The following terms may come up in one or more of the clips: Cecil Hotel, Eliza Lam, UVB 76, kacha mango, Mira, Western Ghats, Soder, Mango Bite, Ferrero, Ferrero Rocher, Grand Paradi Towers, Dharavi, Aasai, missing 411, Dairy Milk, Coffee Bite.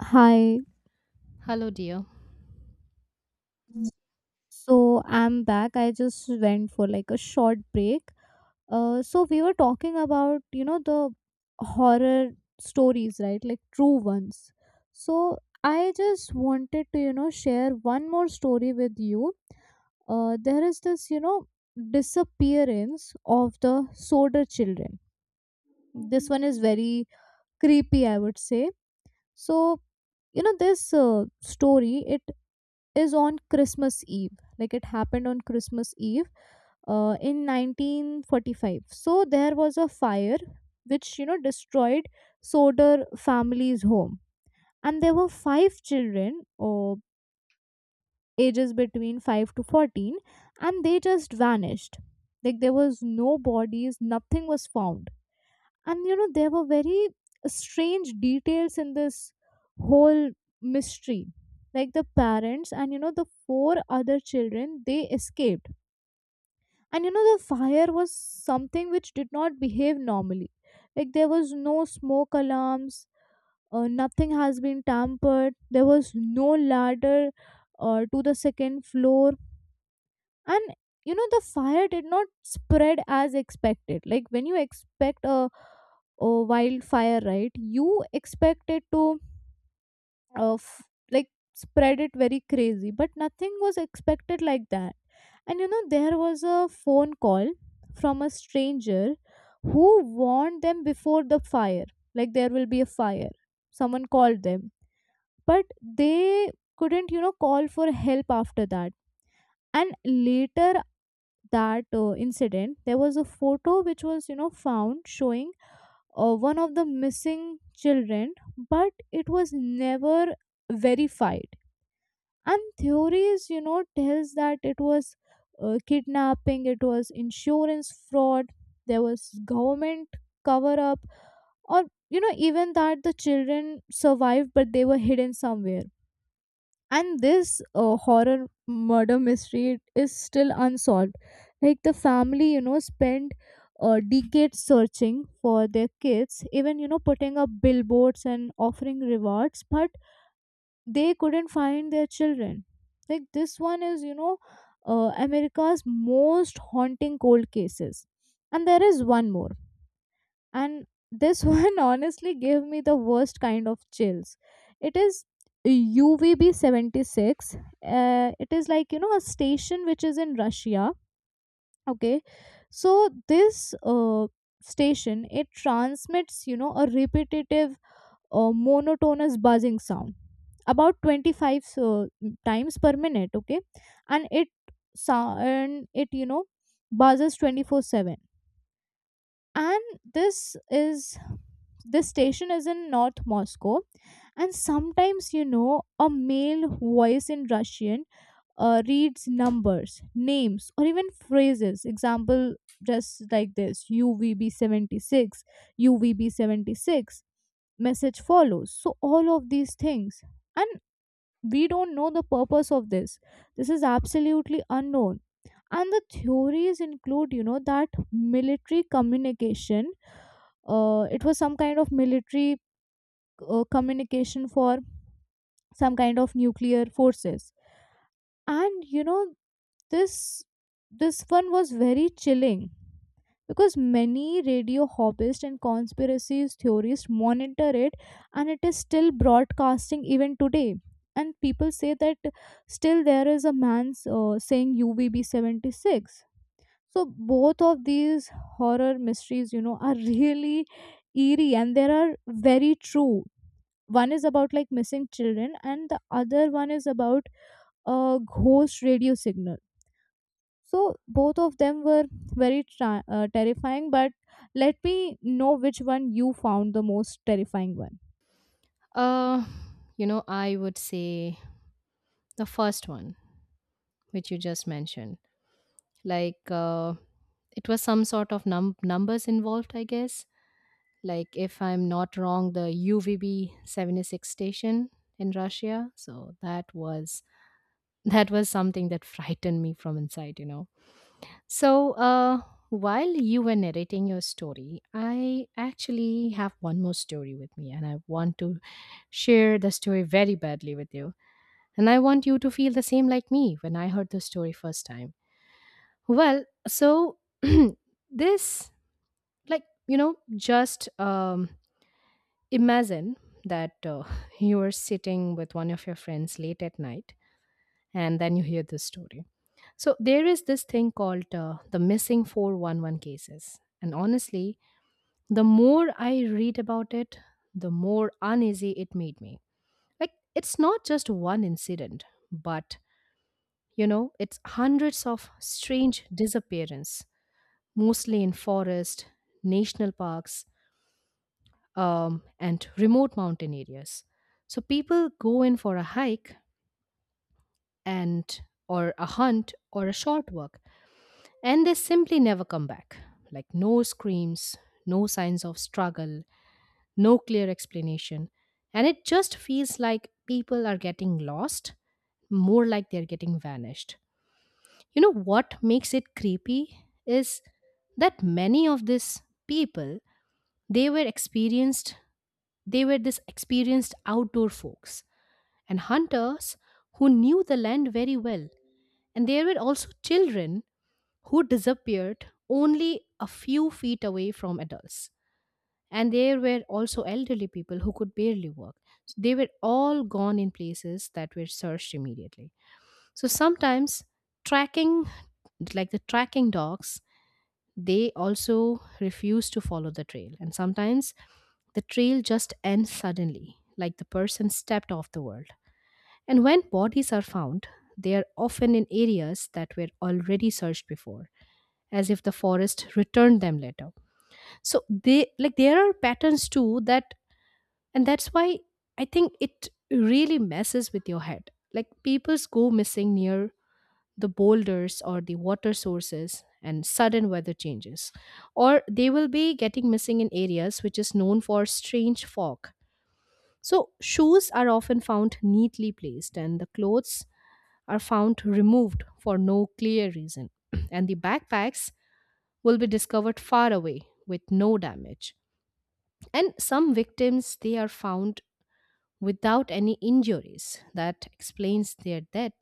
Hi. Hello, dear. So I'm back. I just went for like a short break. So we were talking about, you know, the horror stories, right? Like true ones. So I just wanted to, you know, share one more story with you. There is this, you know, disappearance of the Soder children. This one is very creepy, I would say. So, you know, this story, it is on Christmas Eve. Like it happened on Christmas Eve in 1945. So there was a fire which, you know, destroyed Soder family's home. And there were five children, or ages between 5 to 14, and they just vanished. Like there was no bodies, nothing was found. And you know, there were very strange details in this whole mystery. Like the parents and you know, the four other children, they escaped. And you know, the fire was something which did not behave normally. Like there was no smoke alarms, nothing has been tampered, there was no ladder to the second floor. And you know, the fire did not spread as expected. Like when you expect a wildfire, right, you expect it to uh, f- like spread it very crazy, but nothing was expected like that. And you know, there was a phone call from a stranger who warned them before the fire. Like there will be a fire, someone called them, but they couldn't, you know, call for help after that. And later that incident, there was a photo which was, you know, found showing one of the missing children, but it was never verified. And theories, you know, tells that it was kidnapping, it was insurance fraud, there was government cover up, or you know, even that the children survived, but they were hidden somewhere. And this horror murder mystery, it is still unsolved. Like the family, you know, spent decades searching for their kids, even you know, putting up billboards and offering rewards, but they couldn't find their children. Like this one is, you know, America's most haunting cold cases. And there is one more, and this one honestly gave me the worst kind of chills. It is UVB 76. Uh, it is like, you know, a station which is in Russia. Okay, so this station, it transmits, you know, a repetitive, monotonous buzzing sound about 25 times per minute, okay. And it and it, you know, buzzes 24/7. And this, is this station is in North Moscow. And sometimes, you know, a male voice in Russian reads numbers, names, or even phrases. Example, just like this, UVB 76, UVB 76, message follows, so all of these things. And we don't know the purpose of this. This is absolutely unknown. And the theories include, you know, that military communication, it was some kind of military communication for some kind of nuclear forces. And you know, this this one was very chilling because many radio hobbyists and conspiracy theorists monitor it, and it is still broadcasting even today. And people say that still there is a man saying UVB 76. So both of these horror mysteries, you know, are really eerie, and they are very true. One is about like missing children, and the other one is about a ghost radio signal. So both of them were very terrifying. But let me know which one you found the most terrifying one. Uh, you know, I would say the first one, which you just mentioned. Like, uh, it was some sort of numbers involved, I guess. Like, if I'm not wrong, the UVB 76 station in Russia. So that was something that frightened me from inside, you know. So, while you were narrating your story, I actually have one more story with me, and I want to share the story very badly with you. And I want you to feel the same like me when I heard the story first time. Well, so this, like, you know, just imagine that you are sitting with one of your friends late at night and then you hear this story. So there is this thing called the missing 411 cases. And honestly, the more I read about it, the more uneasy it made me. Like, it's not just one incident, but you know it's hundreds of strange disappearance, mostly in forest national parks, and remote mountain areas. So people go in for a hike, and or a hunt or a short walk, and they simply never come back. Like no screams, no signs of struggle, no clear explanation, and it just feels like people are getting lost, more like they're getting vanished. You know what makes it creepy is that many of these people, they were experienced, they were this experienced outdoor folks and hunters who knew the land very well. And there were also children who disappeared only a few feet away from adults, and there were also elderly people who could barely walk. So they were all gone in places that were searched immediately. So sometimes tracking, like the tracking dogs, they also refuse to follow the trail. And sometimes the trail just ends suddenly, like the person stepped off the world. And when bodies are found, they are often in areas that were already searched before, as if the forest returned them later. So they like there are patterns too, that and that's why I think it really messes with your head. Like people go missing near the boulders or the water sources and sudden weather changes. Or they will be getting missing in areas which is known for strange fog. So, shoes are often found neatly placed, and the clothes are found removed for no clear reason. And the backpacks will be discovered far away with no damage. And some victims, they are found without any injuries that explains their death.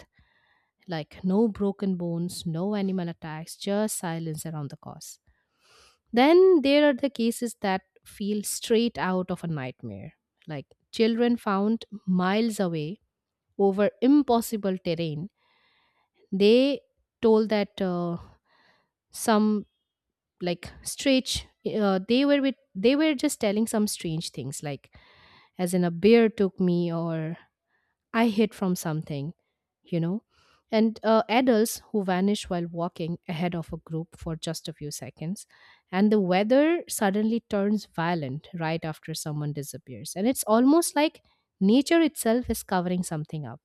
Like no broken bones, no animal attacks, just silence around the cause. Then there are the cases that feel straight out of a nightmare, like children found miles away over impossible terrain. They told that some like strange they were with they were just telling some strange things like, as in, a bear took me or I hid from something, you know. And adults who vanish while walking ahead of a group for just a few seconds. And the weather suddenly turns violent right after someone disappears. And it's almost like nature itself is covering something up.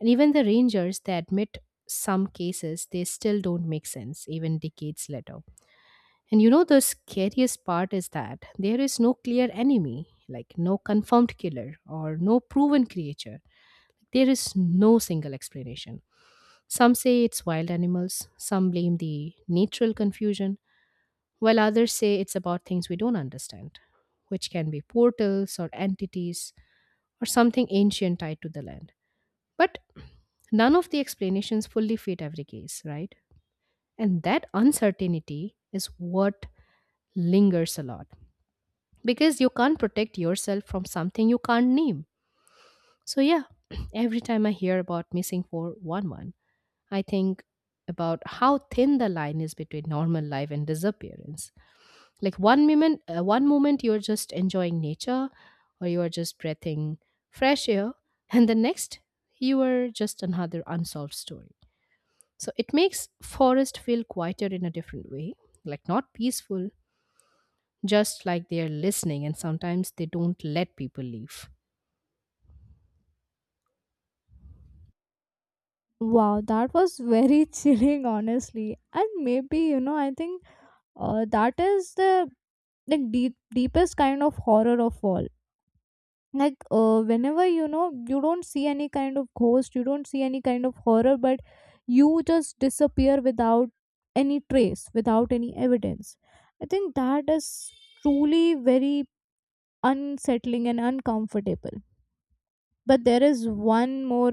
And even the rangers, they admit some cases, they still don't make sense, even decades later. And you know, the scariest part is that there is no clear enemy, like no confirmed killer or no proven creature, there is no single explanation. Some say it's wild animals, some blame the natural confusion, while others say it's about things we don't understand, which can be portals or entities or something ancient tied to the land. But none of the explanations fully fit every case, right? And that uncertainty is what lingers a lot, because you can't protect yourself from something you can't name. So, yeah, every time I hear about missing 411, I think about how thin the line is between normal life and disappearance. Like one moment you're just enjoying nature, or you are just breathing fresh air, and the next you are just another unsolved story. So it makes forest feel quieter in a different way, like not peaceful, just like they're listening, and sometimes they don't let people leave. Wow, that was very chilling, honestly. And maybe you know, I think that is the like deepest kind of horror of all. Like whenever you know, you don't see any kind of ghost, you don't see any kind of horror, but you just disappear without any trace, without any evidence. I think that is truly very unsettling and uncomfortable. But there is one more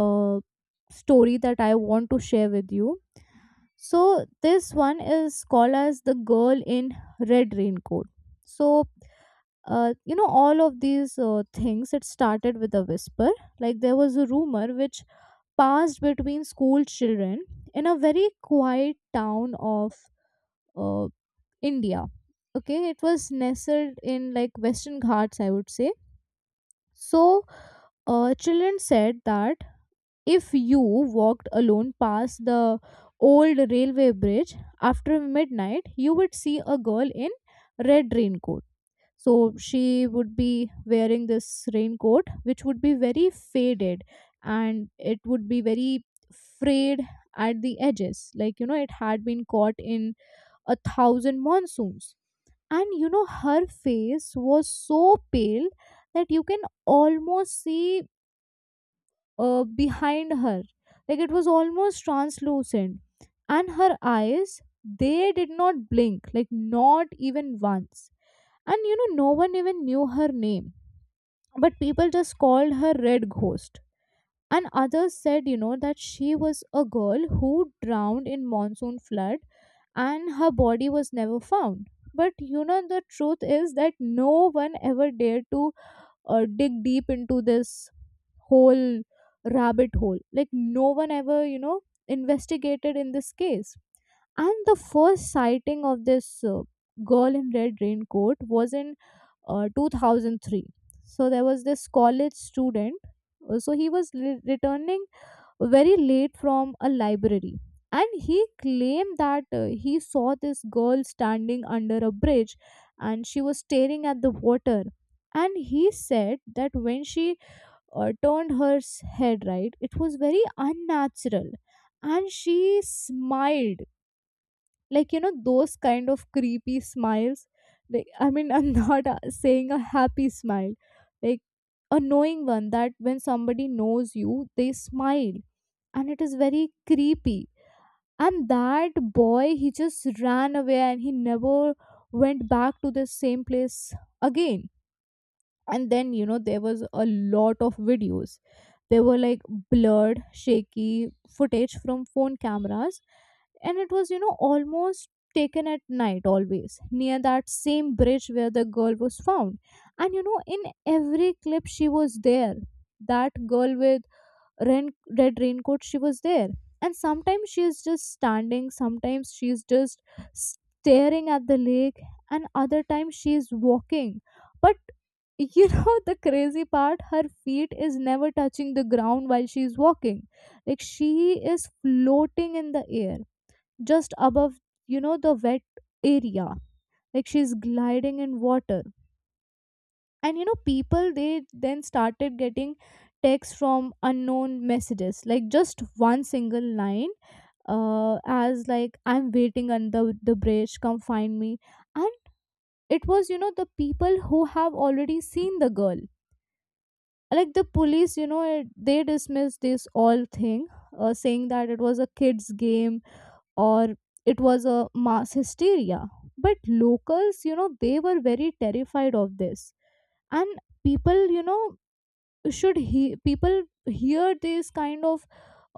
uh, story that I want to share with you. So this one is called as the girl in red raincoat. So you know, all of these things, it started with a whisper. Like there was a rumor which passed between school children in a very quiet town of uh, India. Okay, it was nestled in like Western Ghats, I would say. So children said that if you walked alone past the old railway bridge after midnight, you would see a girl in red raincoat. So she would be wearing this raincoat, which would be very faded, and it would be very frayed at the edges. Like, you know, it had been caught in a thousand monsoons. And, you know, her face was so pale that you can almost see behind her. Like, it was almost translucent. And her eyes, they did not blink, like, not even once. And you know, no one even knew her name, but people just called her red ghost. And others said, you know, that she was a girl who drowned in monsoon flood, and her body was never found. But you know, the truth is that no one ever dared to dig deep into this whole rabbit hole. Like no one ever, you know, investigated in this case. And the first sighting of this girl in red raincoat was in 2003. So there was this college student, so he was returning very late from a library, and he claimed that he saw this girl standing under a bridge, and she was staring at the water. And he said that when she turned her head right, it was very unnatural, and she smiled. Like you know, those kind of creepy smiles. Like I mean, I'm not saying a happy smile, like a knowing one, that when somebody knows you, they smile, and it is very creepy. And that boy, he just ran away, and he never went back to the same place again. And then you know, there was a lot of videos. There were like blurred, shaky footage from phone cameras, and it was, you know, almost taken at night, always near that same bridge where the girl was found. And you know, in every clip, she was there. That girl with rain, red raincoat, she was there. And sometimes she is just standing, sometimes she is just staring at the lake, and other times she is walking. But you know, the crazy part, her feet is never touching the ground while she is walking. Like she is floating in the air, just above, you know, the wet area. Like she's gliding in water. And you know, people, they then started getting texts from unknown messages, like just one single line, as like, "I'm waiting under the bridge, come find me." And it was, you know, the people who have already seen the girl. Like the police, you know it, they dismissed this all thing, saying that it was a kids game or it was a mass hysteria. But locals, you know, they were very terrified of this. And people, you know, should he people hear these kind of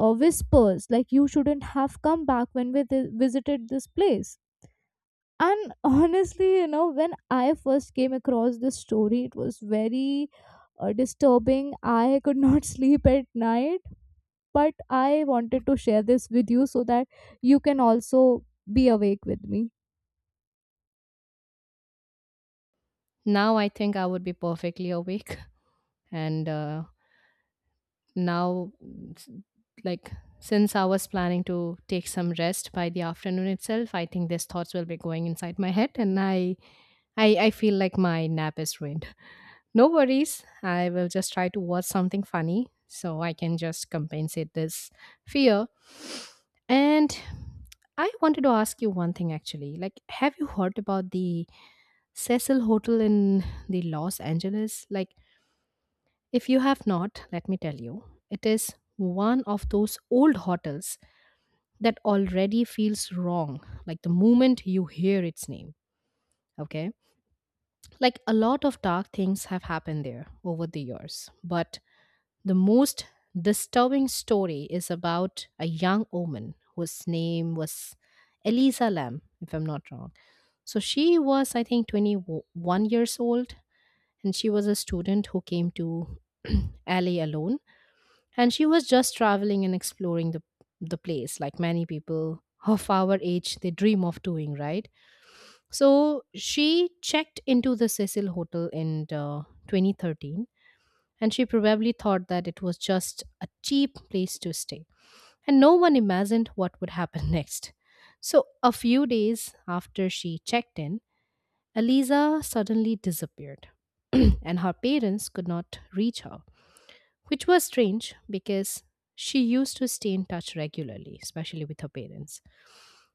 whispers, like, "You shouldn't have come back," when we visited this place. And honestly, you know, when I first came across this story, it was very disturbing. I could not sleep at night, but I wanted to share this with you so that you can also be awake with me. Now I think I would be perfectly awake and now s- like since I was planning to take some rest by the afternoon itself, I think these thoughts will be going inside my head, and I feel like my nap is ruined. No worries, I will just try to watch something funny so I can just compensate this fear. And I wanted to ask you one thing actually. Like, have you heard about the Cecil Hotel in the Los Angeles? Like, if you have not, let me tell you, it is one of those old hotels that already feels wrong, like the moment you hear its name. Okay? Like a lot of dark things have happened there over the years, but the most disturbing story is about a young woman whose name was Eliza Lam, if I'm not wrong. So she was, I think, 21 years old, and she was a student who came to LA alone, and she was just traveling and exploring the place like many people of our age they dream of doing, right? So she checked into the Cecil Hotel in 2013, and she probably thought that it was just a cheap place to stay, and no one imagined what would happen next. So a few days after she checked in, Eliza suddenly disappeared. And her parents could not reach her, which was strange because she used to stay in touch regularly, especially with her parents.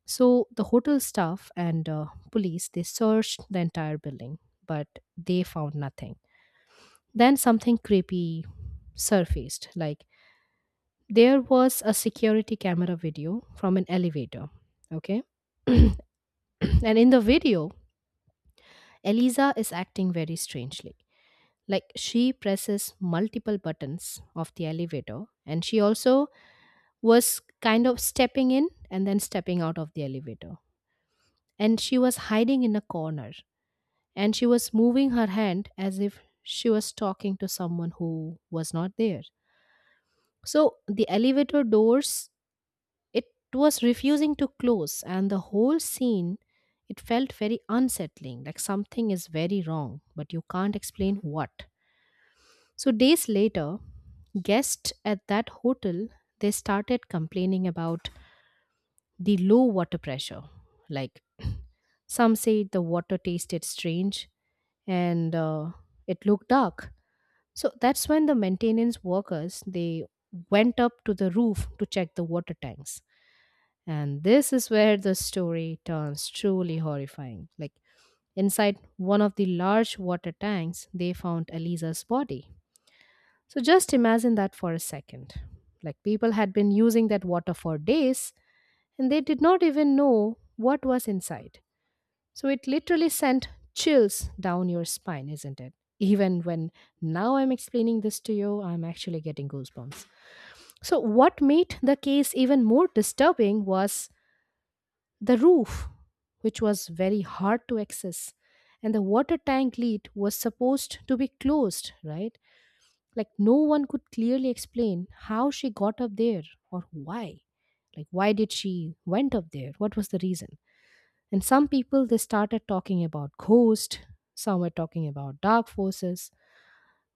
So the hotel staff and police, they searched the entire building, but they found nothing. Then something creepy surfaced. Like, there was a security camera video from an elevator. Okay, and in the video, Eliza is acting very strangely. Like she presses multiple buttons of the elevator, and she also was kind of stepping in and then stepping out of the elevator. And she was hiding in a corner, and she was moving her hand as if she was talking to someone who was not there. So the elevator doors, it was refusing to close, and the whole scene, it felt very unsettling, like something is very wrong, but you can't explain what. So days later, guests at that hotel, they started complaining about the low water pressure. Like some say the water tasted strange, and it looked dark. So that's when the maintenance workers, they went up to the roof to check the water tanks. And this is where the story turns truly horrifying. Like inside one of the large water tanks, they found Eliza's body. So just imagine that for a second. Like people had been using that water for days, and they did not even know what was inside. So it literally sent chills down your spine, isn't it? Even when now I'm explaining this to you, I'm actually getting goosebumps. So, what made the case even more disturbing was the roof, which was very hard to access. And the water tank lid was supposed to be closed, right? Like, no one could clearly explain how she got up there or why. Like, why did she went up there? What was the reason? And some people, they started talking about ghosts, some were talking about dark forces,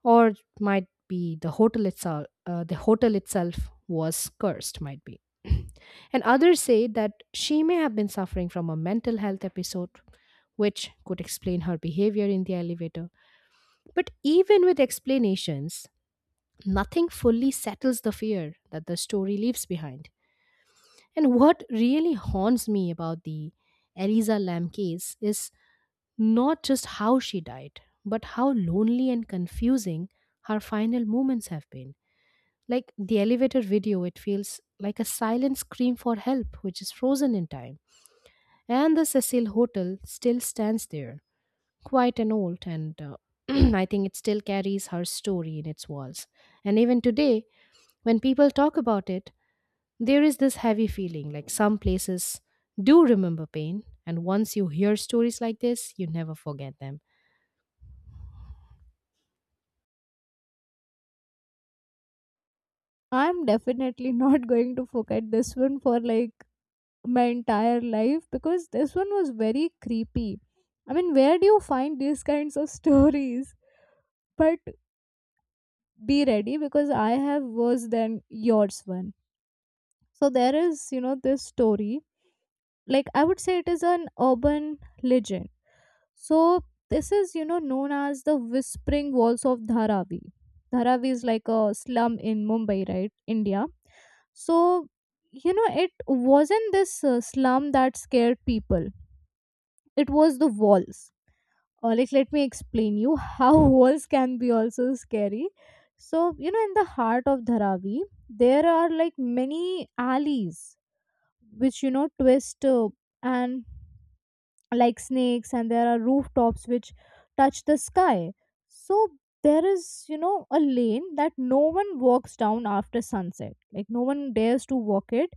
or it might be the hotel itself. The hotel itself was cursed, might be. And others say that she may have been suffering from a mental health episode, which could explain her behavior in the elevator. But even with explanations, nothing fully settles the fear that the story leaves behind. And what really haunts me about the Eliza Lamb case is not just how she died, but how lonely and confusing her final moments have been. Like the elevator video, it feels like a silent scream for help, which is frozen in time. And the Cecil Hotel still stands there, quite an old, and I think it still carries her story in its walls. And even today, when people talk about it, there is this heavy feeling, like some places do remember pain, and once you hear stories like this, you never forget them. I'm definitely not going to forget this one for like my entire life, because this one was very creepy. I mean, where do you find these kinds of stories? But be ready, because I have worse than yours one. So there is, you know, this story. Like I would say it is an urban legend. So this is, you know, known as the whispering walls of Dharavi. Dharavi is like a slum in Mumbai, right? India. So, you know, it wasn't this slum that scared people. It was the walls. Or like, let me explain you how walls can be also scary. So, you know, in the heart of Dharavi, there are like many alleys which, you know, twist and like snakes, and there are rooftops which touch the sky. So, there is, you know, a lane that no one walks down after sunset. Like, no one dares to walk it.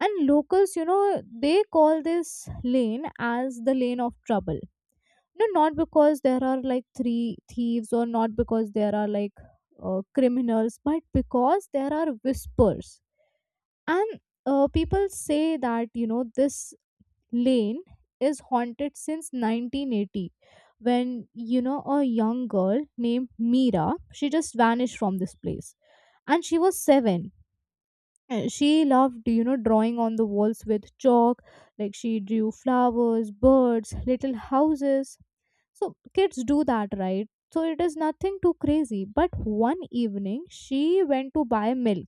And locals, you know, they call this lane as the lane of trouble. No, not because there are like three thieves, or not because there are like criminals, but because there are whispers. And people say that you know, this lane is haunted since 1980, when you know, a young girl named Mira, she just vanished from this place. And she was 7. She loved you know, drawing on the walls with chalk. Like she drew flowers, birds, little houses. So kids do that, right? So it is nothing too crazy. But one evening, she went to buy milk,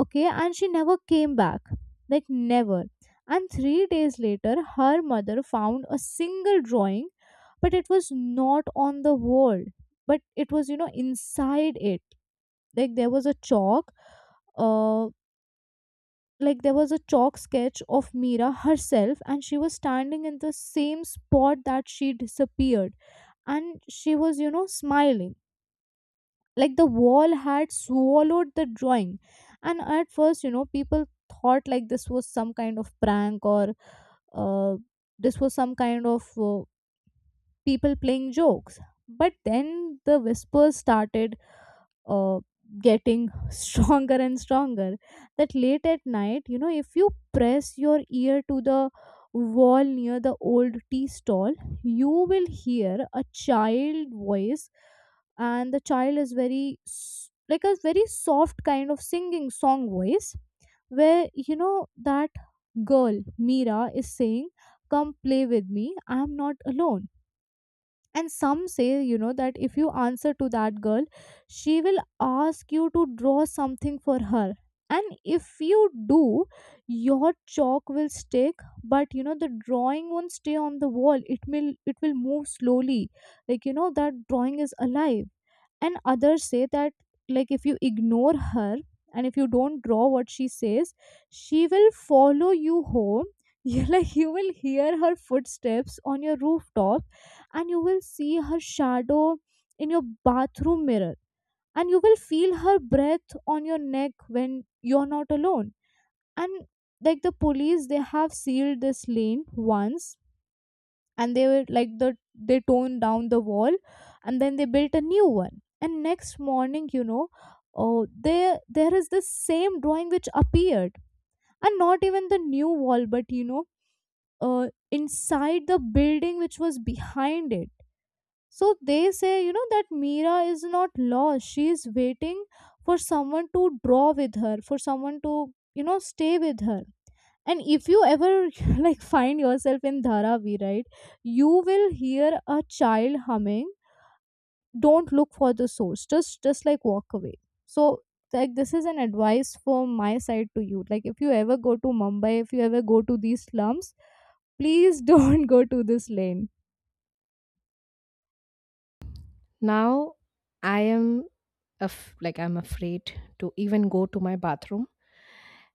okay, and she never came back. Like, never. And 3 days later, her mother found a single drawing, but it was not on the wall, but it was, inside it. Like, there was a uh, chalk sketch of Mira herself, and she was standing in the same spot that she disappeared, and she was smiling, like the wall had swallowed the drawing. And at first, people thought like this was some kind of prank, or uh, this was some kind of, people playing jokes. But then the whispers started, uh, getting stronger and stronger. That late at night, if you press your ear to the wall near the old tea stall, you will hear a child voice. And the child is like a very soft kind of singing song voice, where, that girl Mira is saying, "Come play with me. I am not alone." And some say, that if you answer to that girl, she will ask you to draw something for her. And if you do, your chalk will stick. But, the drawing won't stay on the wall. It will move slowly, like, that drawing is alive. And others say that, like, if you ignore her and if you don't draw what she says, she will follow you home. you like you will hear her footsteps on your rooftop, and you will see her shadow in your bathroom mirror, and you will feel her breath on your neck when you're not alone. And, like, the police, they have sealed this lane once. And they were like, they toned down the wall, and then they built a new one. And next morning, oh, there is the same drawing which appeared. And not even the new wall, but, inside the building which was behind it. So they say, that Mira is not lost. She is waiting for someone to draw with her, for someone to, stay with her. And if you ever like find yourself in Dharavi, right, you will hear a child humming. Don't look for the source. Just like walk away. So, like, this is an advice from my side to you. Like, if you ever go to Mumbai, if you ever go to these slums, please, don't go to this lane. Now I am I'm afraid to even go to my bathroom.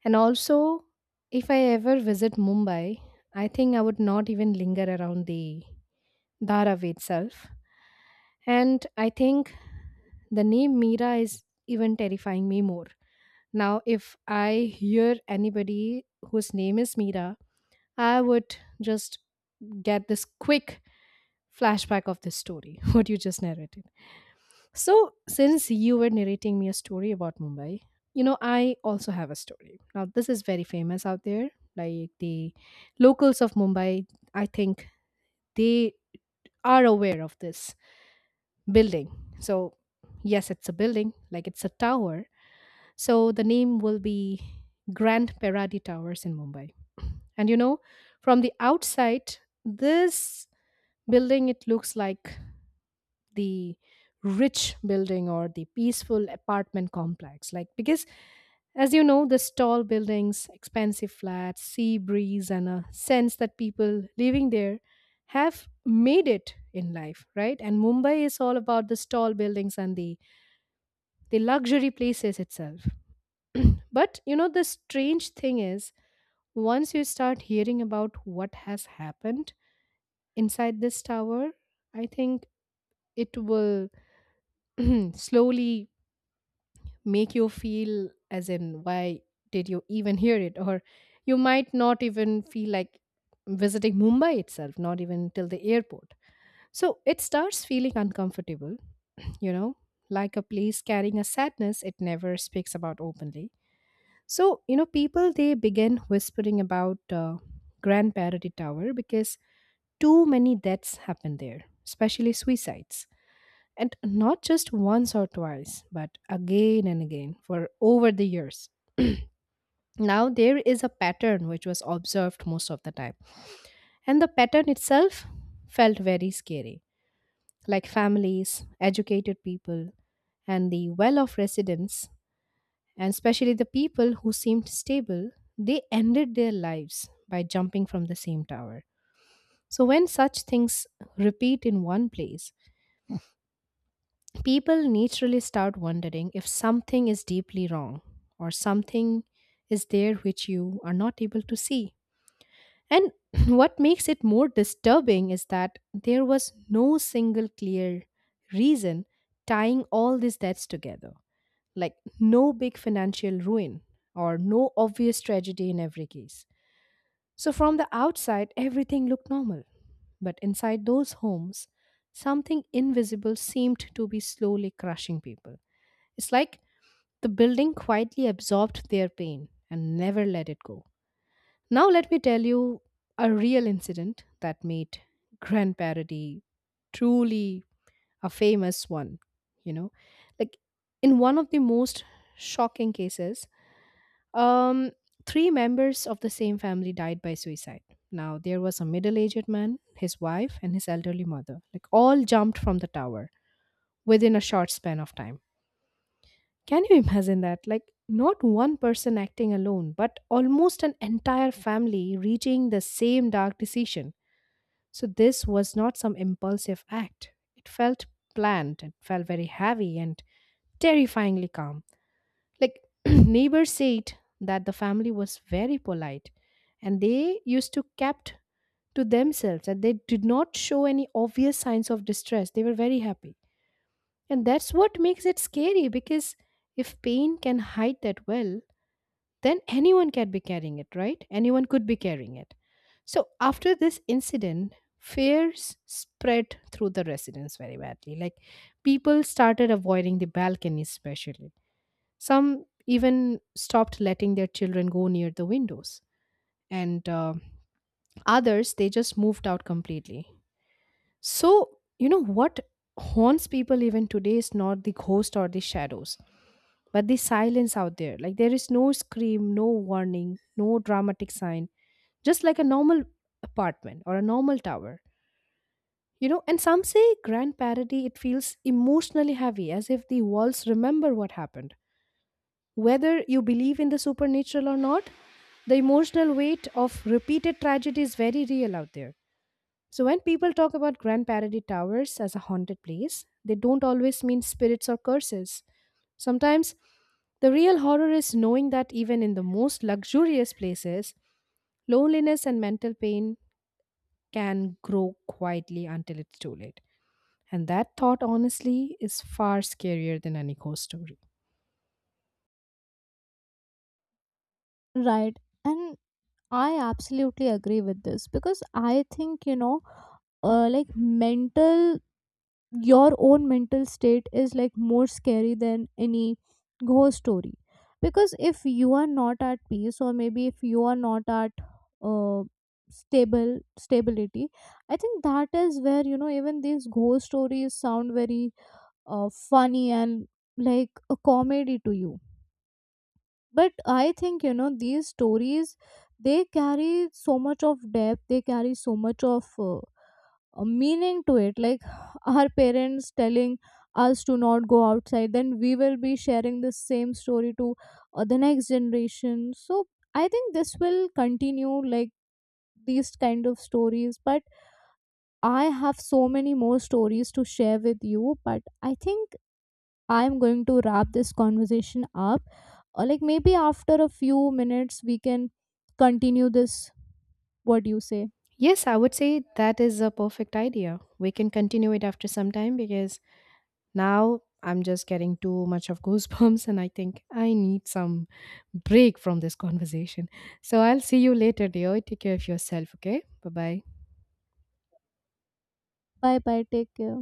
And also, if I ever visit Mumbai, I think I would not even linger around the Dharavi itself. And I think the name Mira is even terrifying me more. Now, if I hear anybody whose name is Mira, I would just get this quick flashback of this story, what you just narrated. So, since you were narrating me a story about Mumbai, you know, I also have a story. Now, this is very famous out there. Like the locals of Mumbai, I think they are aware of this building. So, yes, it's a building, like it's a tower. So, the name will be Grand Paradi Towers in Mumbai. And you know, from the outside, this building it looks like the rich building or the peaceful apartment complex, like because as you know, this tall buildings, expensive flats, sea breeze, and a sense that people living there have made it in life, right? And Mumbai is all about the tall buildings and the luxury places itself. but you know, the strange thing is once you start hearing about what has happened inside this tower, I think it will slowly make you feel as in why did you even hear it, or you might not even feel like visiting Mumbai itself, not even till the airport. So it starts feeling uncomfortable, you know, like a place carrying a sadness it never speaks about openly. So you know, people, they begin whispering about Grand Parody Tower because too many deaths happen there, especially suicides, and not just once or twice, but again and again for over the years. now there is a pattern which was observed most of the time, and the pattern itself felt very scary. Like families, educated people, and the well off residents, and especially the people who seemed stable, they ended their lives by jumping from the same tower. So, when such things repeat in one place, people naturally start wondering if something is deeply wrong or something is there which you are not able to see. And what makes it more disturbing is that there was no single clear reason tying all these deaths together. Like no big financial ruin or no obvious tragedy in every case. So from the outside, everything looked normal. But inside those homes, something invisible seemed to be slowly crushing people. It's like the building quietly absorbed their pain and never let it go. Now, let me tell you a real incident that made Grand Parody truly a famous one. You know, like in one of the most shocking cases, um, three members of the same family died by suicide. Now, there was a middle aged man, his wife, and his elderly mother, like all jumped from the tower within a short span of time. Can you imagine that? Like, not one person acting alone, but almost an entire family reaching the same dark decision. So, this was not some impulsive act. It felt planned, it felt very heavy and terrifyingly calm. Like, neighbors said that the family was very polite and they used to kept to themselves, and they did not show any obvious signs of distress. They were very happy. And that's what makes it scary because if pain can hide that well, then anyone can be carrying it, right? Anyone could be carrying it. So after this incident, fears spread through the residents very badly. Like people started avoiding the balcony, especially. Some even stopped letting their children go near the windows. And others, they just moved out completely. So, you know what haunts people even today is not the ghost or the shadows, but the silence out there. Like there is no scream, no warning, no dramatic sign, just like a normal apartment or a normal tower. You know, and some say Grand Parody, it feels emotionally heavy, as if the walls remember what happened. Whether you believe in the supernatural or not, the emotional weight of repeated tragedy is very real out there. So, when people talk about Grand Paradis Towers as a haunted place, they don't always mean spirits or curses. Sometimes the real horror is knowing that even in the most luxurious places, loneliness and mental pain can grow quietly until it's too late. And that thought, honestly, is far scarier than any ghost story. Right. And I absolutely agree with this because I think, like, mental your own mental state is like more scary than any ghost story. Because if you are not at peace, or maybe if you are not at, uh, stable stability, I think that is where, even these ghost stories sound very funny and like a comedy to you. But I think, these stories, they carry so much of depth. They carry so much of, a meaning to it. Like, our parents telling us to not go outside, then we will be sharing the same story to, the next generation. So, I think this will continue, like, these kind of stories. But I have so many more stories to share with you. But I think I'm going to wrap this conversation up, or, like, maybe after a few minutes, we can continue this. What do you say? Yes, I would say that is a perfect idea. We can continue it after some time because now I'm just getting too much of goosebumps, and I think I need some break from this conversation. So I'll see you later, dear. Take care of yourself, okay? Bye bye. Bye bye. Take care.